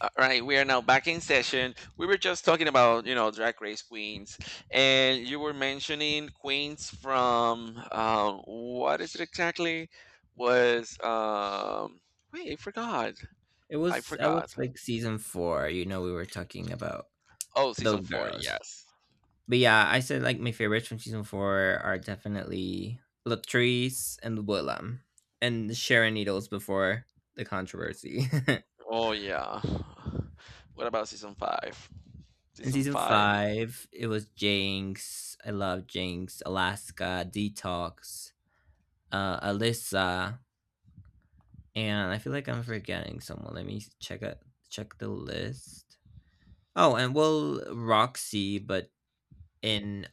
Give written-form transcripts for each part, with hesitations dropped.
All right, we are now back in session. We were just talking about, you know, Drag Race queens, and you were mentioning queens from what is it exactly? Was Wait, I forgot. It I was I was forgot. like season four. You know, we were talking about Oh, season those four. girls. Yes. But yeah, I said like my favorites from season four are definitely Latrice and Willem and Sharon Needles before the controversy. Oh yeah. What about season five? In Season season five. five, it was Jinx. I love Jinx, Alaska, Detox, Alyssa, and I feel like I'm forgetting someone. Let me check the list. Oh, and well, Roxy, but in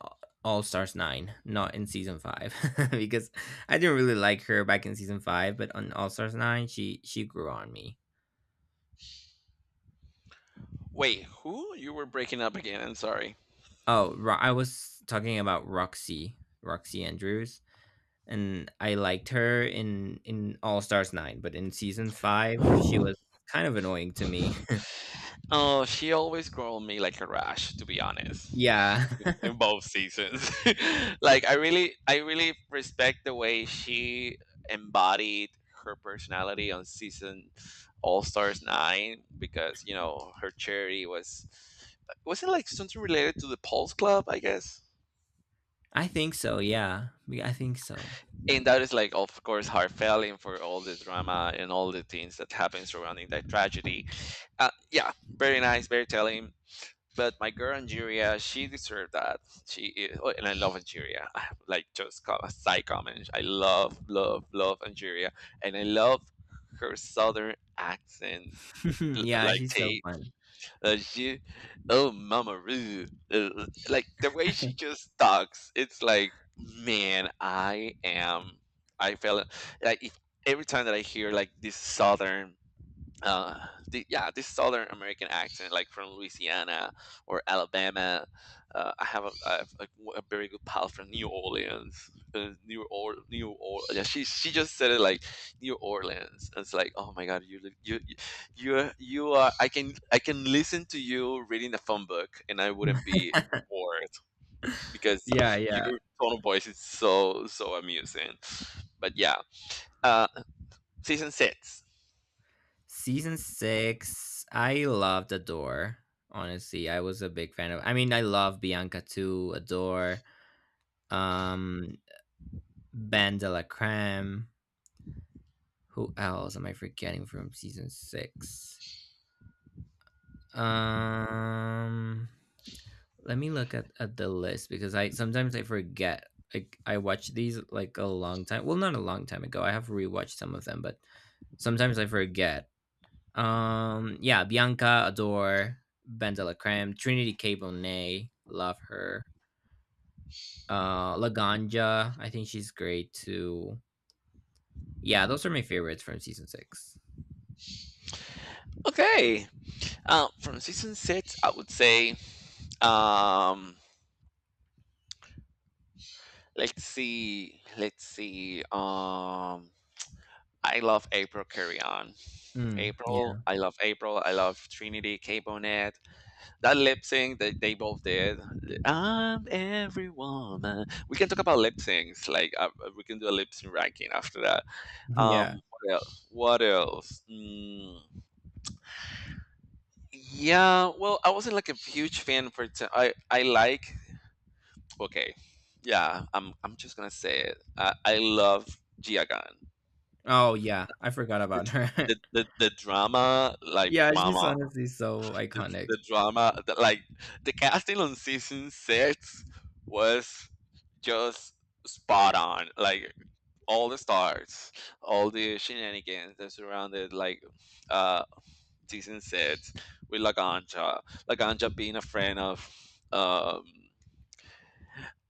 All Stars 9, not in season 5. Because I didn't really like her back in season 5, but on All Stars 9 she grew on me. Wait, who? You were breaking up again. I'm sorry. Oh, I was talking about Roxy, Roxy Andrews, and I liked her in All Stars 9, but in season 5 she was kind of annoying to me. Oh, she always growled me like a rash, to be honest. Yeah. In both seasons. Like I really respect the way she embodied her personality on season All Stars 9 because, you know, her charity was it like something related to the Pulse Club, I guess? I think so, yeah. I think so. And that is like of course heartfelt for all the drama and all the things that happen surrounding that tragedy. Yeah, very nice, very telling. But my girl Angeria, she deserved that. She is, oh, and I love Angeria. Like just a side comment. I love, love, love Angeria, and I love her southern accent. Yeah, Like she's so Tate, fun. She, oh mama, Ru, uh, like the way she just talks. It's like, man, I am. I feel like if every time that I hear like this southern uh, yeah, this Southern American accent, like from Louisiana or Alabama. I have a very good pal from New Orleans, New or New or yeah. She just said it like New Orleans. And it's like, oh my God, you are, you are. I can listen to you reading a phone book, and I wouldn't be bored because Yeah, yeah. your tone of voice is so so amusing. But yeah, uh, season six. Season 6, I loved Adore. Honestly, I was a big fan of I mean, I love Bianca too, Adore, um, Ben de la Creme. Who else am I forgetting from season 6? Um, Let me look at the list because I sometimes I forget. Like I watch these like a long time. Well, not a long time ago. I have rewatched some of them, but sometimes I forget. Yeah, Bianca, Adore, Ben de la Creme, Trinity K. Bonet, love her. Laganja, I think she's great too. Yeah, those are my favorites from season six. Okay. From season six, I would say, um, let's see, let's see. I love April Carry On. Mm, yeah. April. I love Trinity K Bonet. That lip sync that they both did. I'm every woman. We can talk about lip syncs. Like we can do a lip sync ranking after that. Yeah. What else? What else? Mm, yeah. Well, I wasn't like a huge fan for. I like okay, yeah, I'm just gonna say it. I love Gia Gunn. Oh yeah, I forgot about The, her. the drama, like Yeah, she's Mama, honestly so the, iconic. the drama, like the casting on season six was just spot on. Like all the stars, all the shenanigans that surrounded like uh season six with Laganja, Laganja being a friend of. Um,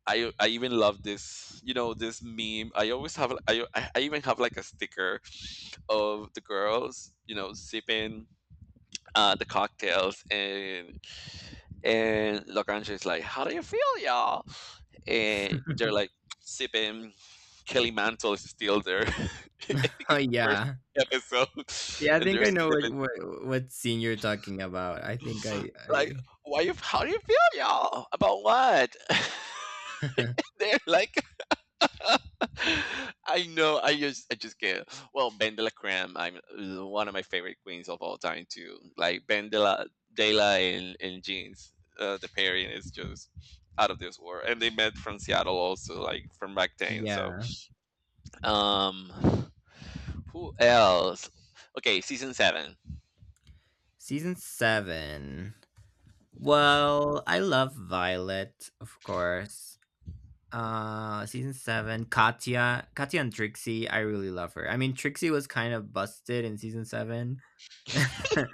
I even love this, you know, this meme. I always have I even have like a sticker of the girls, you know, sipping the cocktails, and Lagrange is like, "How do you feel, y'all?" And they're like sipping. Kelly Mantle is still there. I think Oh it's the first yeah, episode, yeah. I and think they're I know sipping. What scene you're talking about. I think I, Like, I why you? How do you feel, y'all? About what? They're like I know. I just can't. Well, Ben de la Creme, I'm one of my favorite queens of all time too. Like Ben de la Dela and Jeans, the pairing is just out of this world. And they met from Seattle also, like from back then. So, Yeah. um, who else? Okay, season seven. Season seven. Well, I love Violet, of course. Season seven, Katya, Katya and Trixie. I really love her. I mean, Trixie was kind of busted in season seven,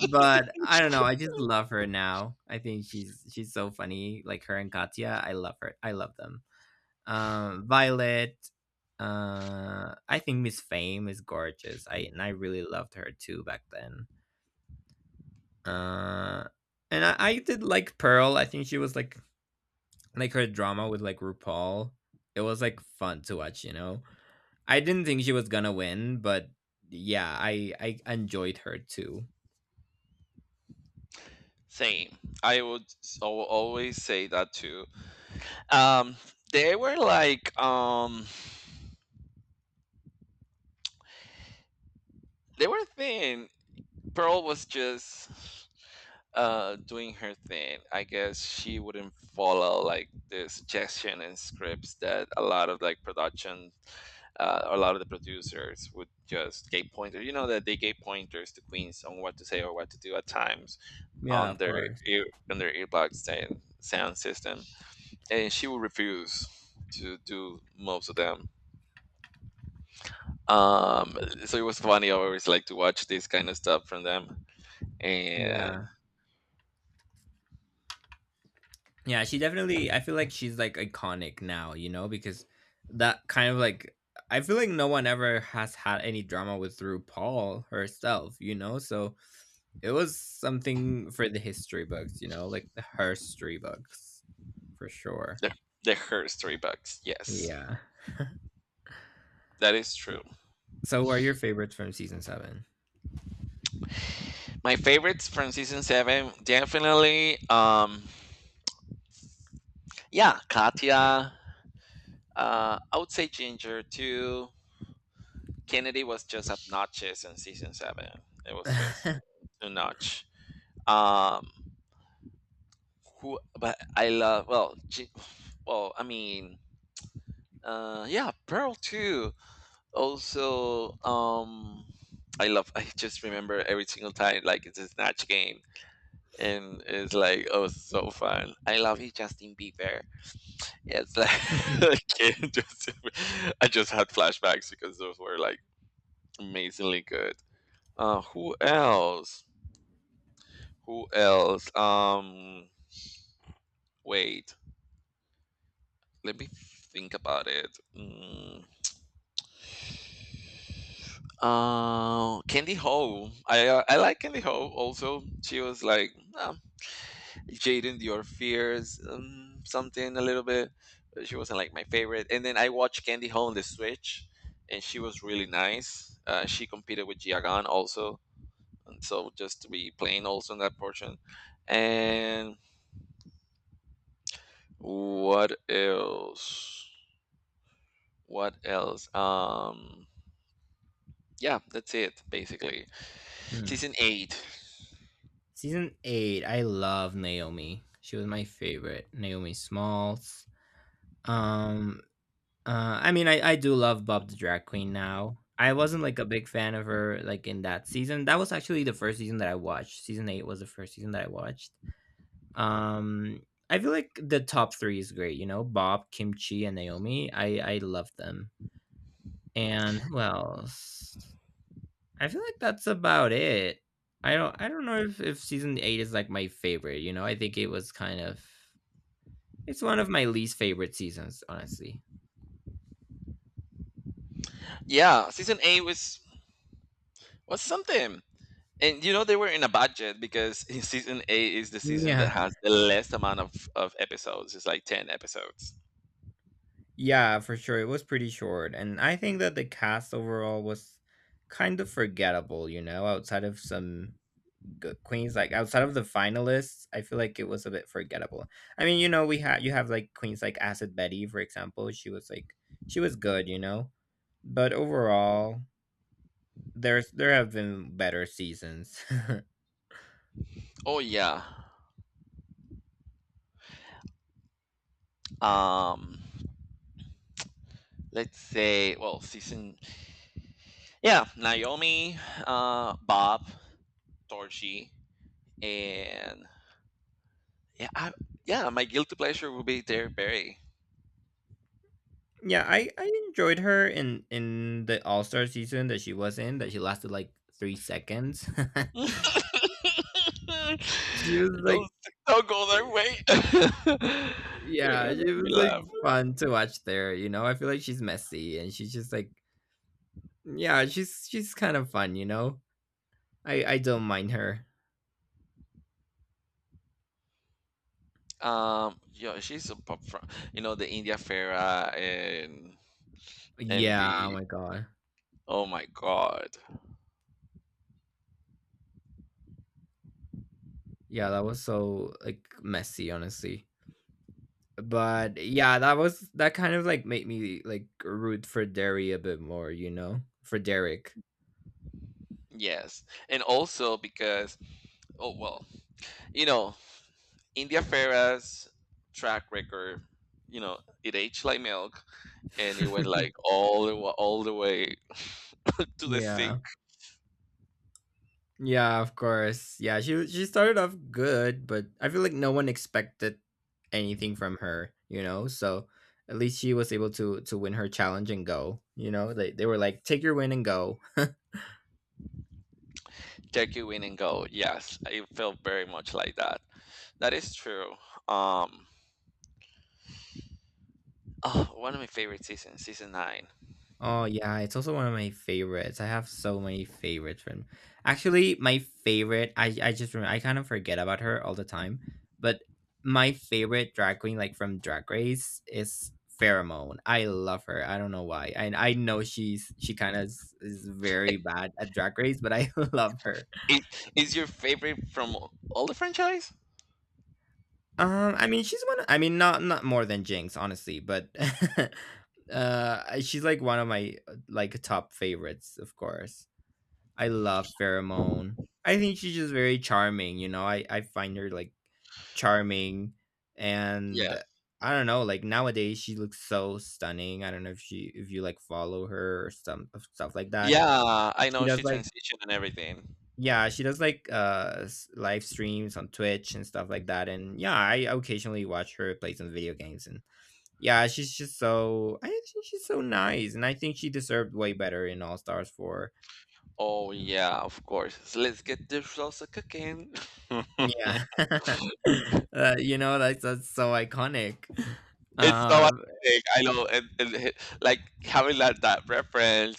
but I don't know. I just love her now. I think she's so funny. Like her and Katya, I love her. I love them. Violet. I think Miss Fame is gorgeous. I and I really loved her too back then. Uh, and I did like Pearl. I think she was like her drama with like RuPaul. It was like fun to watch, you know. I didn't think she was gonna win, but yeah, I enjoyed her too. Same. I would always say that too. Um, they were like, they were thin. Pearl was just doing her thing. I guess she wouldn't follow like the suggestion and scripts that a lot of like production, a lot of the producers would just gave pointer, you know, that they gave pointers to queens on what to say or what to do at times Yeah, on of their course. ear on their earbox sound, sound system, and she would refuse to do most of them. um so it was funny always like to watch this kind of stuff from them. And Yeah. Yeah, she definitely I feel like she's like iconic now, you know, because that kind of like I feel like no one ever has had any drama with RuPaul herself, you know? So it was something for the history books, you know, like the herstory books for sure. the the her story bugs, yes, Yeah. that is true. So, what are your favorites from season seven? My favorites from season seven, definitely. Yeah, Katya. I would say Ginger too. Kennedy was just obnoxious in season seven. It was just too much. Um, who? But I love. Well, I mean, yeah, Pearl too. Also, I love. I just remember every single time, like it's a snatch game, and it's like oh, so fun. I love you, Justin Bieber. Yes, okay, just I just had flashbacks because those were like amazingly good. Who else? Who else? Wait, let me think about it. Mm. Candy Ho. I like Candy Ho. Also, she was like, "Ah, Jaden Your Fears, something a little bit. She wasn't like my favorite. And then I watched Candy Ho on the Switch, and she was really nice. She competed with Jiagan also, and so just to be playing also in that portion. And what else? What else? Yeah, that's it basically. Hmm. Season eight. Season eight, I love Naomi. She was my favorite. Naomi Smalls. Um, I mean, I do love Bob the Drag Queen now. I wasn't like a big fan of her like in that season. That was actually the first season that I watched. Season eight was the first season that I watched. Um, I feel like the top three is great. You know, Bob, Kimchi, and Naomi. I love them. And who else? I feel like that's about it. I don't know if season eight is like my favorite. You know, I think it was kind of it's one of my least favorite seasons, honestly. Yeah, season eight was something. And you know they were in a budget because season eight is the season that Yeah, has the less amount of episodes. It's like 10 episodes. yeah, for sure. It was pretty short, and I think that the cast overall was kind of forgettable. You know, outside of some queens, like outside of the finalists, I feel like it was a bit forgettable. I mean, you know, we had you have like queens like Acid Betty, for example. She was like she was good, you know, but overall there have been better seasons. Oh yeah. Um let's say well season, yeah, Naomi, Bob, Torchy, and yeah, I, yeah, my guilty pleasure will be Derek Barry. Yeah, I enjoyed her in the all-star season that she was in, that she lasted like 3 seconds. don't She was like don't go that way. You're yeah, gonna she make me was like laugh. fun to watch there, you know. I feel like she's messy and she's just like yeah, she's kind of fun, you know. I don't mind her. Yeah, she's a pop from you know the India Farah and Yeah. Oh the my god. oh my god, Yeah, that was so like messy, honestly. But yeah, that was that kind of like made me like root for Derry a bit more, you know? For Derek. yes, and also because oh well, you know India Farah's track record, you know it aged like milk, and it went like all all the way to the sink. Yeah. Yeah, of course. Yeah, she started off good, but I feel like no one expected anything from her, you know? So at least she was able to win her challenge and go, you know? They were like take your win and go. Take you in and go. Yes, it felt very much like that. That is true. Um, oh, one of my favorite seasons, season nine. Oh yeah, it's also one of my favorites. I have so many favorites from. Actually, my favorite, I just remember, I kind of forget about her all the time, but my favorite drag queen like from Drag Race is Pheromone. I love her. I don't know why. I know she's she kind of is very bad at Drag Race, but I love her. Is, is your favorite from all the franchise? I mean, she's one. Of, I mean, not not more than Jinx, honestly, but she's like one of my like top favorites, of course. I love Pheromone. I think she's just very charming, you know. I find her like charming and Yeah. I don't know, like nowadays she looks so stunning. I don't know if she if you like follow her or some stuff like that. Yeah, I She know she does like transitioned and everything. yeah, she does like live streams on Twitch and stuff like that, and yeah, I occasionally watch her play some video games and yeah, she's just so I think she's so nice and I think she deserved way better in All Stars 4. Oh yeah, of course. So let's get the salsa cooking. Yeah. You know, that's so iconic. It's so Uh, iconic. I know, and like having that that reference.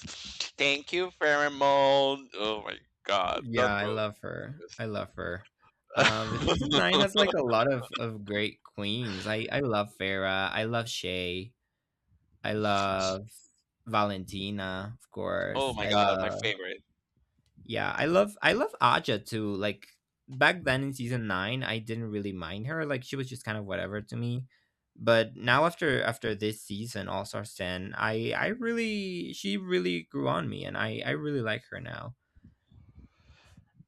Thank you, pheromone. Oh my god, yeah, not I roses. love her. I love her. But season nine has like a lot of great queens. I love Farah. I love Shay. I love Valentina, of Oh course. my I god, my love favorite. Yeah, I love Aja too. Like back then in season nine, I didn't really mind her. Like she was just kind of whatever to me. But now after after this season, All Star Ten, I really she really grew on me, and I really like her now.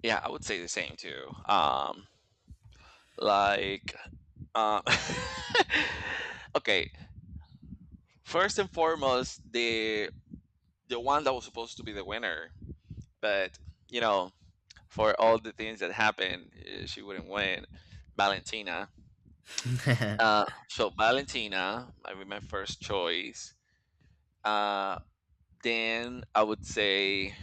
Yeah, I would say the same too. Like, uh, okay, first and foremost, the one that was supposed to be the winner, but you know, for all the things that happened, eh, she wouldn't win. Valentina. So Valentina, I mean, my first choice. Uh, then I would say,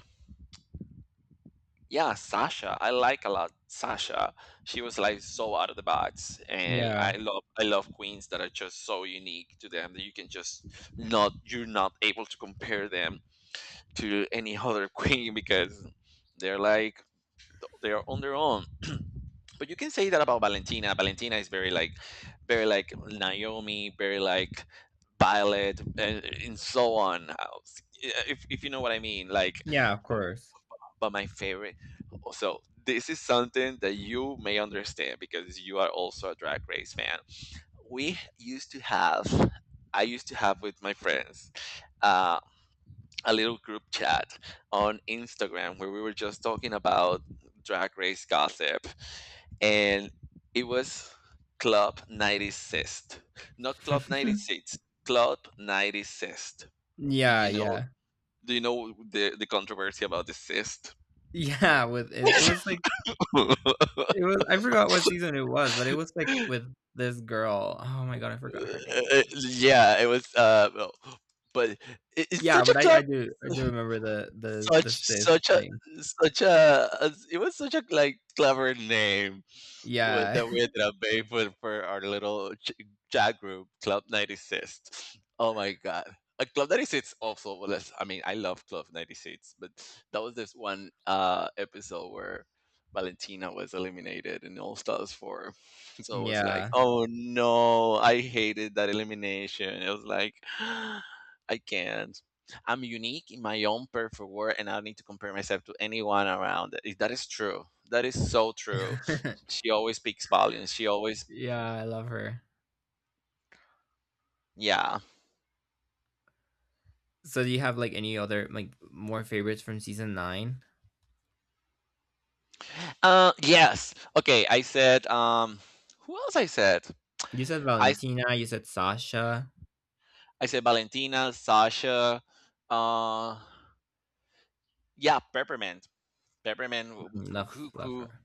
yeah, Sasha. I like a lot Sasha. She was like so out of the box, and Yeah, I love queens that are just so unique to them that you can just not you're not able to compare them to any other queen because they're like they're on their own. But you can say that about Valentina. Valentina is very like Naomi, very like Violet, and so on. If you know what I mean, like. yeah, of course. But my favorite. So this is something that you may understand because you are also a Drag Race fan. We used to have. I used to have with my friends. Uh, a little group chat on Instagram where we were just talking about drag race gossip and it was Club 96. Not Club 96, Club 96. Do Yeah, you know yeah, do you know the controversy about the cyst? yeah. With it, it was like it was I forgot what season it was, but it was like with this girl. Oh my god, I forgot her name. Yeah, it was well, but it, it's Yeah, such a but I club I do remember the the such the sis such a thing. such a it was such a like clever name Yeah. that we ended up paying for our chat group, Club 96. Oh my god. Club 96 also was I mean, I love Club 96, but that was this one episode where Valentina was eliminated in All Stars 4. So it was like, Yeah. oh no, I hated that elimination. It was like I can't. I'm unique in my own perfect world and I don't need to compare myself to anyone around. It- That is true. That is so true. She always speaks volumes. She always, Yeah, I love her. yeah. So do you have, like, any other, like, more favorites from season 9? Yes. Okay, I said. Who else I said? You said I Valentina, you said Sasha. I said Valentina, Sasha. Uh, yeah, Peppermint. Peppermint, w- Mm, love love Cuckoo, her.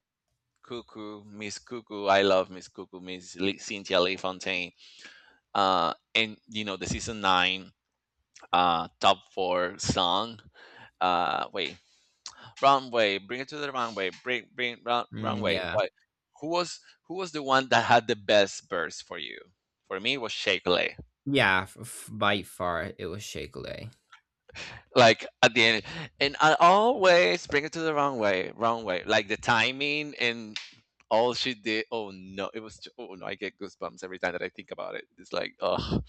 Cuckoo, Miss Cuckoo. I love Miss Cuckoo, Cynthia Lee Fontaine. And you know the season nine, top four song. Uh, wait, runway, bring it to the runway, Mm, runway. yeah. What? Who was who was the one that had the best burst for you? For me, it was Shake Lay. Yeah, f f by far, it was Shea Coulee. Like at the end, and I always bring it to the runway, runway. Like the timing and all she did. Oh no, it was. Oh no, I get goosebumps every time that I think about it. It's like, oh,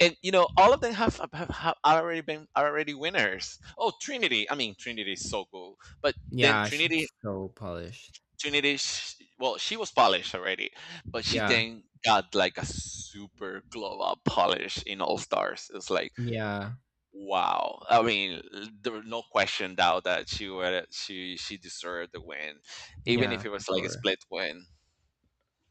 and you know, all of them have have already been are already winners. Oh, Trinity. I mean, Trinity is so cool, but then Yeah, Trinity she's so polished. opportunities. Well, she was polished already, but she Yeah. then got like a super glow up polish in All Stars. It's like Yeah. wow. I mean, there was no question doubt that she would she deserved the win, even if Yeah, it for was like a sure. split win.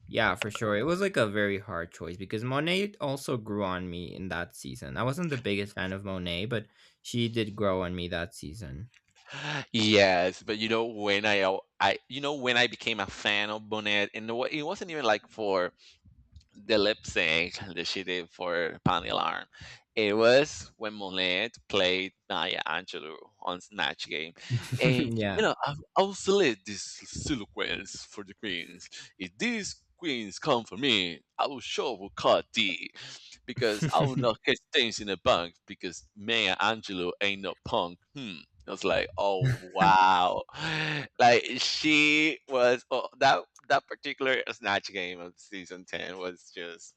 Yeah, for sure. It was like a very hard choice because Monet also grew on me in that season. I wasn't the biggest fan of Monet, but she did grow on me that season. Yes, but you know when I became a fan of Bonet, and it wasn't even like for the lip sync that she did for Pani Alarm. It was when Monet played Maya Angelou on Snatch Game. And, you Yeah. know, I've obsolete this sequence for the queens. If these queens come for me, I will sure will cut D because I will not catch things in the bunk because Maya Angelou ain't no punk. Hmm. I was like, oh wow, like she was oh, that particular snatch game of season 10 was just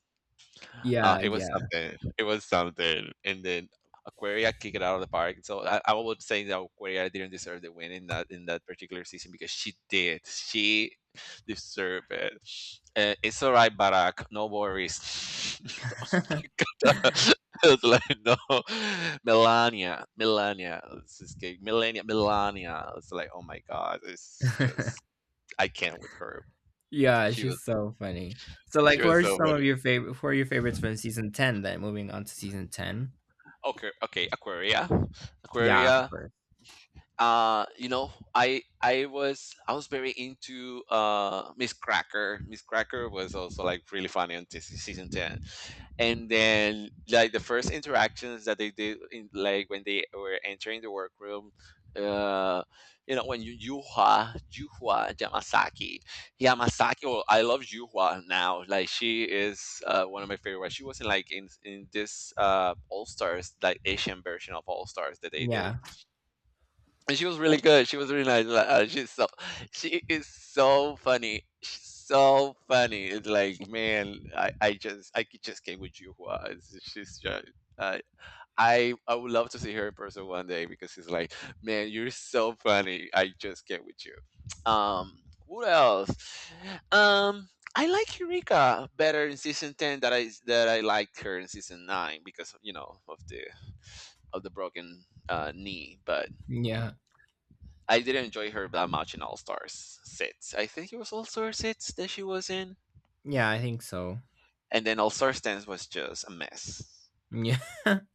Yeah, it was yeah. something. It was something. And then Aquaria kicked it out of the park. So I would say that Aquaria didn't deserve the win in that particular season because she did. She deserved it. It's all right, Barack. No worries. Oh my God. I was like, no, Melania, Melania, this is gay. Melania, Melania. It's like, oh my God, it's just I can't with her. Yeah, She was, she's so funny. So she like who was are so some of funny. your favorite who are your favorites from season 10 then moving on to season 10? Okay, okay, Aquaria, Yeah, of Aquaria course. I was very into Miss Cracker was also like really funny on season 10, and then, like, the first interactions that they did in, like, when they were entering the workroom. Uh you know when you Yuhua Yamasaki. Well, I love Yuhua now. Like, she is one of my favorite. She was in, like, in this All Stars, like, Asian version of All Stars that they did. Yeah. And she was really good. She was really nice. Like, she is so funny. She's so funny. It's like, man, I just I c- just came with you. She's just. Uh, I would love to see her in person one day because she's like, man, you're so funny. I just came with you. What else? Um, I like Eureka better in season 10 that I liked her in season nine because you know of the broken knee. But Yeah. I didn't enjoy her that much in All Stars 6. I think it was All Stars 6 that she was in. Yeah, I think so. And then All Stars 10 was just a mess. Yeah.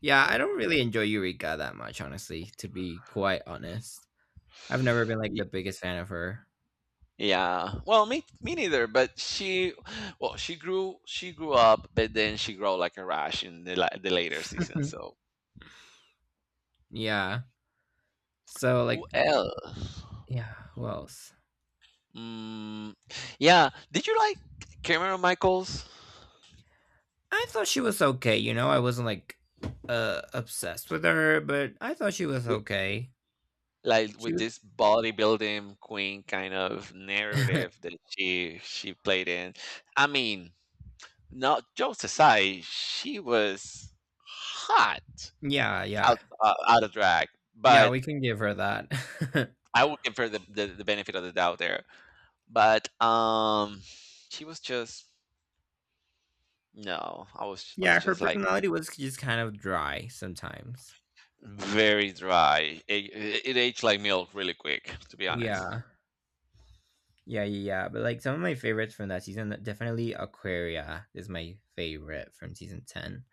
Yeah, I don't really enjoy Eureka that much honestly, to be quite honest. I've never been like Y- the biggest fan of her. Yeah. Well, me neither, but she grew up, but then she grew like a rash in the later season. Mhm. So, Yeah. So who like else? yeah, who else? Mm, yeah, did you like Cameron Michaels? I thought she was okay, you know, I wasn't like obsessed with her, but I thought she was With, okay. like She with was this bodybuilding queen kind of narrative that she played in. I mean, no, jokes aside, she was hot yeah, out yeah. out of drag, Yeah, but we can give her that. I will give her the benefit of the doubt there. But she was just no, I was Yeah, her just like personality was just kind of dry sometimes. very dry. It aged like milk really quick, to be honest. Yeah. Yeah, yeah, yeah. But like some of my favorites from that season, definitely Aquaria is my favorite from season 10.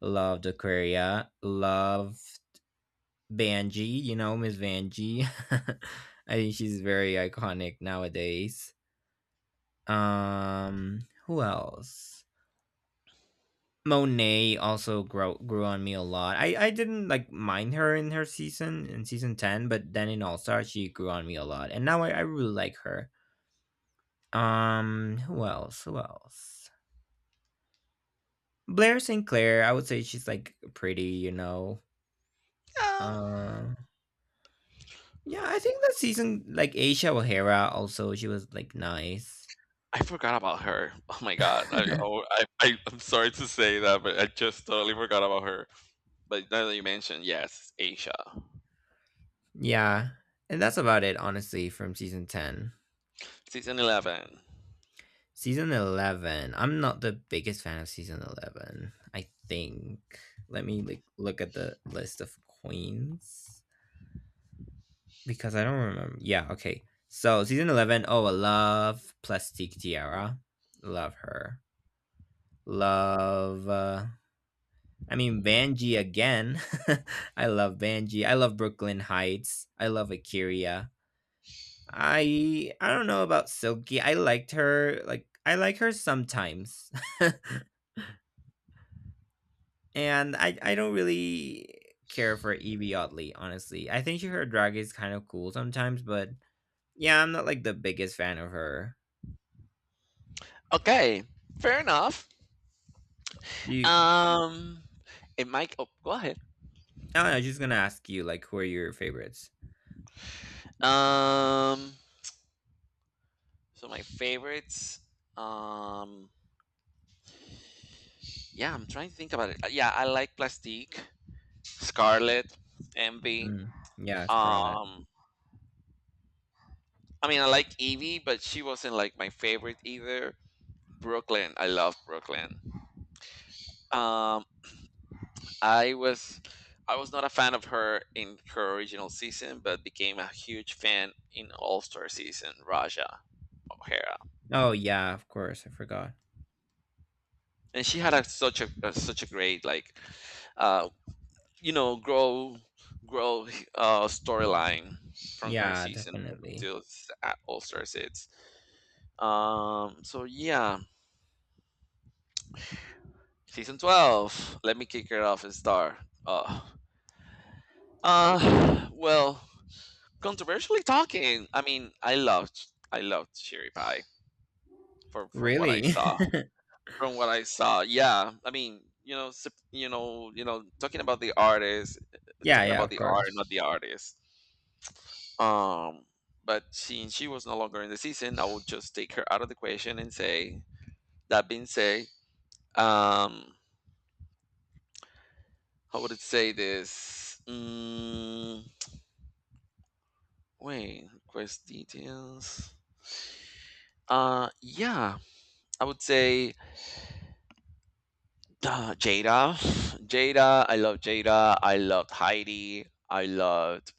Loved Aquaria. Love Vanjie, you know, Miss Vanjie. I think she's very iconic nowadays. Um, who else? Monet also grew on me a lot. I didn't like mind her in her season in season 10, but then in All Star she grew on me a lot. And now I really like her. Who else? Who else? Blair St. Clair, I would say she's like pretty, you know. Yeah, Um, yeah, I think that season like Asia O'Hara also she was like nice. I forgot about her. Oh my God, oh, I'm sorry to say that, but I just totally forgot about her. But now that you mentioned, yes, Asia, Yeah, and that's about it, honestly, from season 10. season 11. Season 11, I'm not the biggest fan of season 11. I think let me like look at the list of queens because I don't remember. Yeah, okay. So, season 11, oh, I love Plastic Tiara. Love her. Love I mean Banji again. I love Banji. I love Brooklyn Heights. I love Akira. I don't know about Silky. I liked her. Like I like her sometimes. And I don't really care for Evie Oddly, honestly. I think her drag is kind of cool sometimes, but yeah, I'm not like the biggest fan of her. Okay, fair enough. Do you Um, it might. Oh, go ahead. Oh, I don't know, just gonna ask you like who are your favorites? Um, so my favorites. Um, yeah, I'm trying to think about it. Yeah, I like Plastique, Scarlet, Envy. Mm. Yeah, Scarlett. Um, I mean, I like Evie, but she wasn't like my favorite either. Brooklyn, I love Brooklyn. Um, I was, I was not a fan of her in her original season, but became a huge fan in All Star season. Raja O'Hara. Oh yeah, of course. I forgot. And she had a such a great, like, uh grow grow storyline from her Yeah, season up definitely. until all star sits. So yeah, season 12. Let me kick her off and star. uh well, controversially talking, I mean, I loved Cherry Pie from what I Really? saw, yeah. I mean, talking about the artist, Yeah, talking yeah, about of the art, course. not the artist. Um, but since she was no longer in the season, I would just take her out of the equation and say, that being said, um, how would it say this? Wait, quest details. Yeah, I would say. Jada, Jada, I love Jada. I loved Heidi. I loved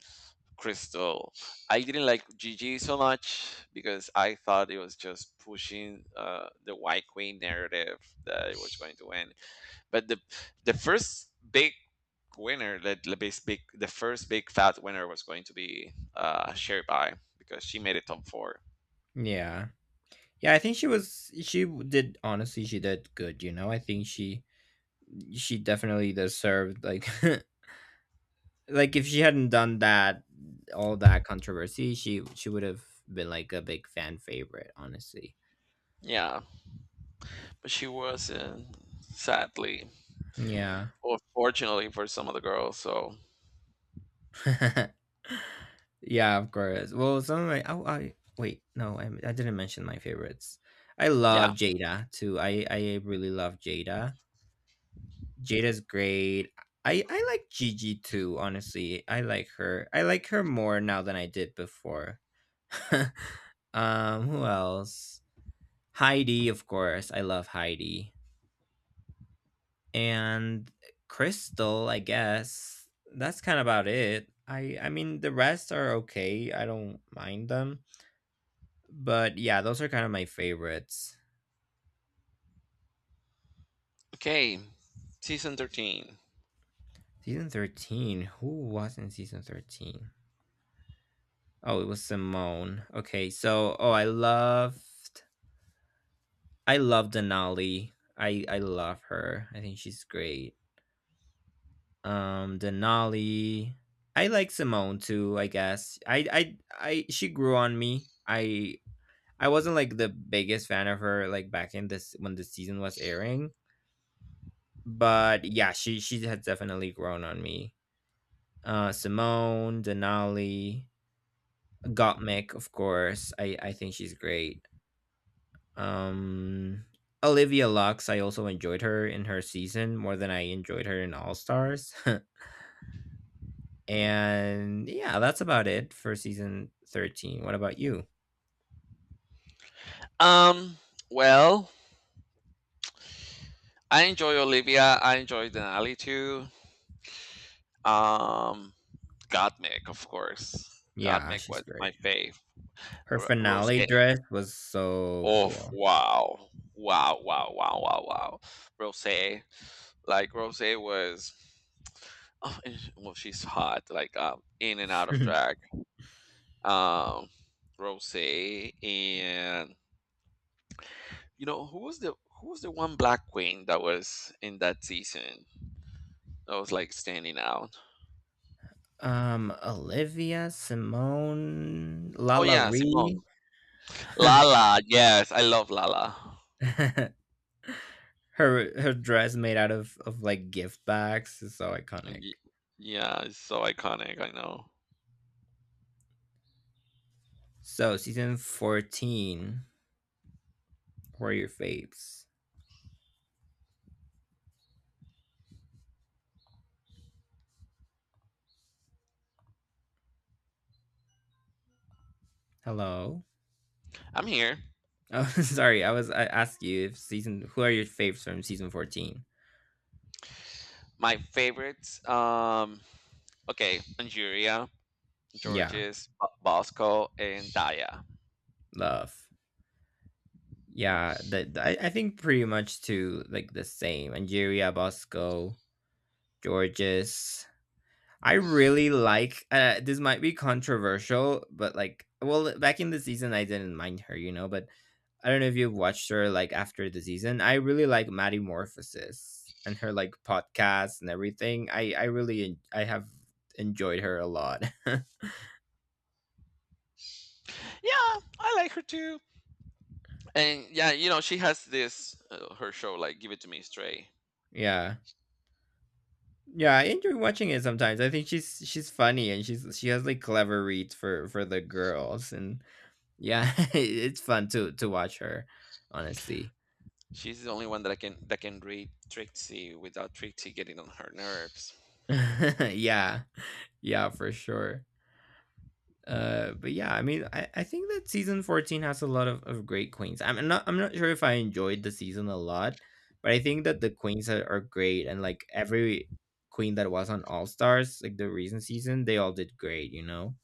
Crystal. I didn't like Gigi so much because I thought it was just pushing the White Queen narrative that it was going to win. But the first big winner, the bas- big, the first big fat winner was going to be Sherry Pie because she made it top four. Yeah. Yeah, I think she was she w- did honestly she did good. I think she definitely deserved like like if she hadn't done that all that controversy she would have been like a big fan favorite honestly. Yeah, but she wasn't, sadly, Yeah. or fortunately for some of the girls. So Yeah, of course. Well, some of my— oh I didn't mention my favorites. I love yeah. Jada too. I really love Jada. Jada's great. I like Gigi too, honestly. I like her. I like her more now than I did before. Um, who else? Heidi, of course. I love Heidi. And Crystal, I guess. That's kind of about it. I mean the rest are okay. I don't mind them. But yeah, those are kind of my favorites. Okay, season 13. Season 13. Who was in season 13? Oh, it was Simone. Oh, I love Denali. I love her. I think she's great. Um, Denali. I like Simone too, I guess. I she grew on me. I wasn't like the biggest fan of her like back in this when the season was airing, but yeah, she has definitely grown on me. Uh, Simone, Denali, Gottmik, of course. I think she's great. Um, Olivia Lux, I also enjoyed her in her season more than I enjoyed her in All Stars. And yeah, that's about it for season 13. What about you? Um, well, I enjoy Olivia. I enjoy Denali too. Um, Gottmik, of course. Yeah, Gottmik she's was my great. fave. Her Rose. finale dress was so Oh, cool. wow. Wow, wow, wow, wow, wow. Rose. Like, Rose was. Oh, and well, she's hot, like, in and out of drag. Um, Rose. And you know who was the one black queen that was in that season that was like standing out. Um, Olivia, Simone, Oh Lala yeah, Simone. Ree. Lala, yes, I love Lala. Her her dress made out of like gift bags is so iconic. Y- yeah, it's so iconic, I know. So season 14. Who are your faves? Hello. I'm here. Oh, sorry. I asked you if season. Who are your faves from season 14? My favorites. Okay, Nigeria, Yeah, Georges, Bosco, and Daya. love. Yeah, I think pretty much to like the same. Angeria, Bosco, Georges. I really like this might be controversial, but like well back in the season I didn't mind her, you know, but I don't know if you've watched her like after the season. I really like Maddie Morphosis and her like podcast and everything. I have enjoyed her a lot. Yeah, I like her too. And yeah, you know, she has this her show, like, give it to me straight. Yeah. Yeah, I enjoy watching it sometimes. I think she's funny and she has like clever reads for the girls, and yeah, it's fun to watch her, honestly. She's the only one that I can that can read Trixie without Trixie getting on her nerves. Yeah. Yeah, for sure. Uh, but yeah, I mean I think that season 14 has a lot of great queens. I'm not sure if I enjoyed the season a lot, but I think that the queens are great, and like every queen that was on All Stars, like the recent season, they all did great, you know.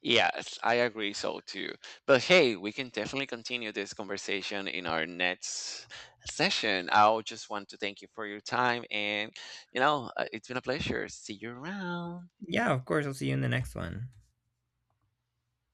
Yes, I agree so too. But hey, we can definitely continue this conversation in our next session. I just want to thank you for your time and, it's been a pleasure. See you around. Yeah, of course. I'll see you in the next one.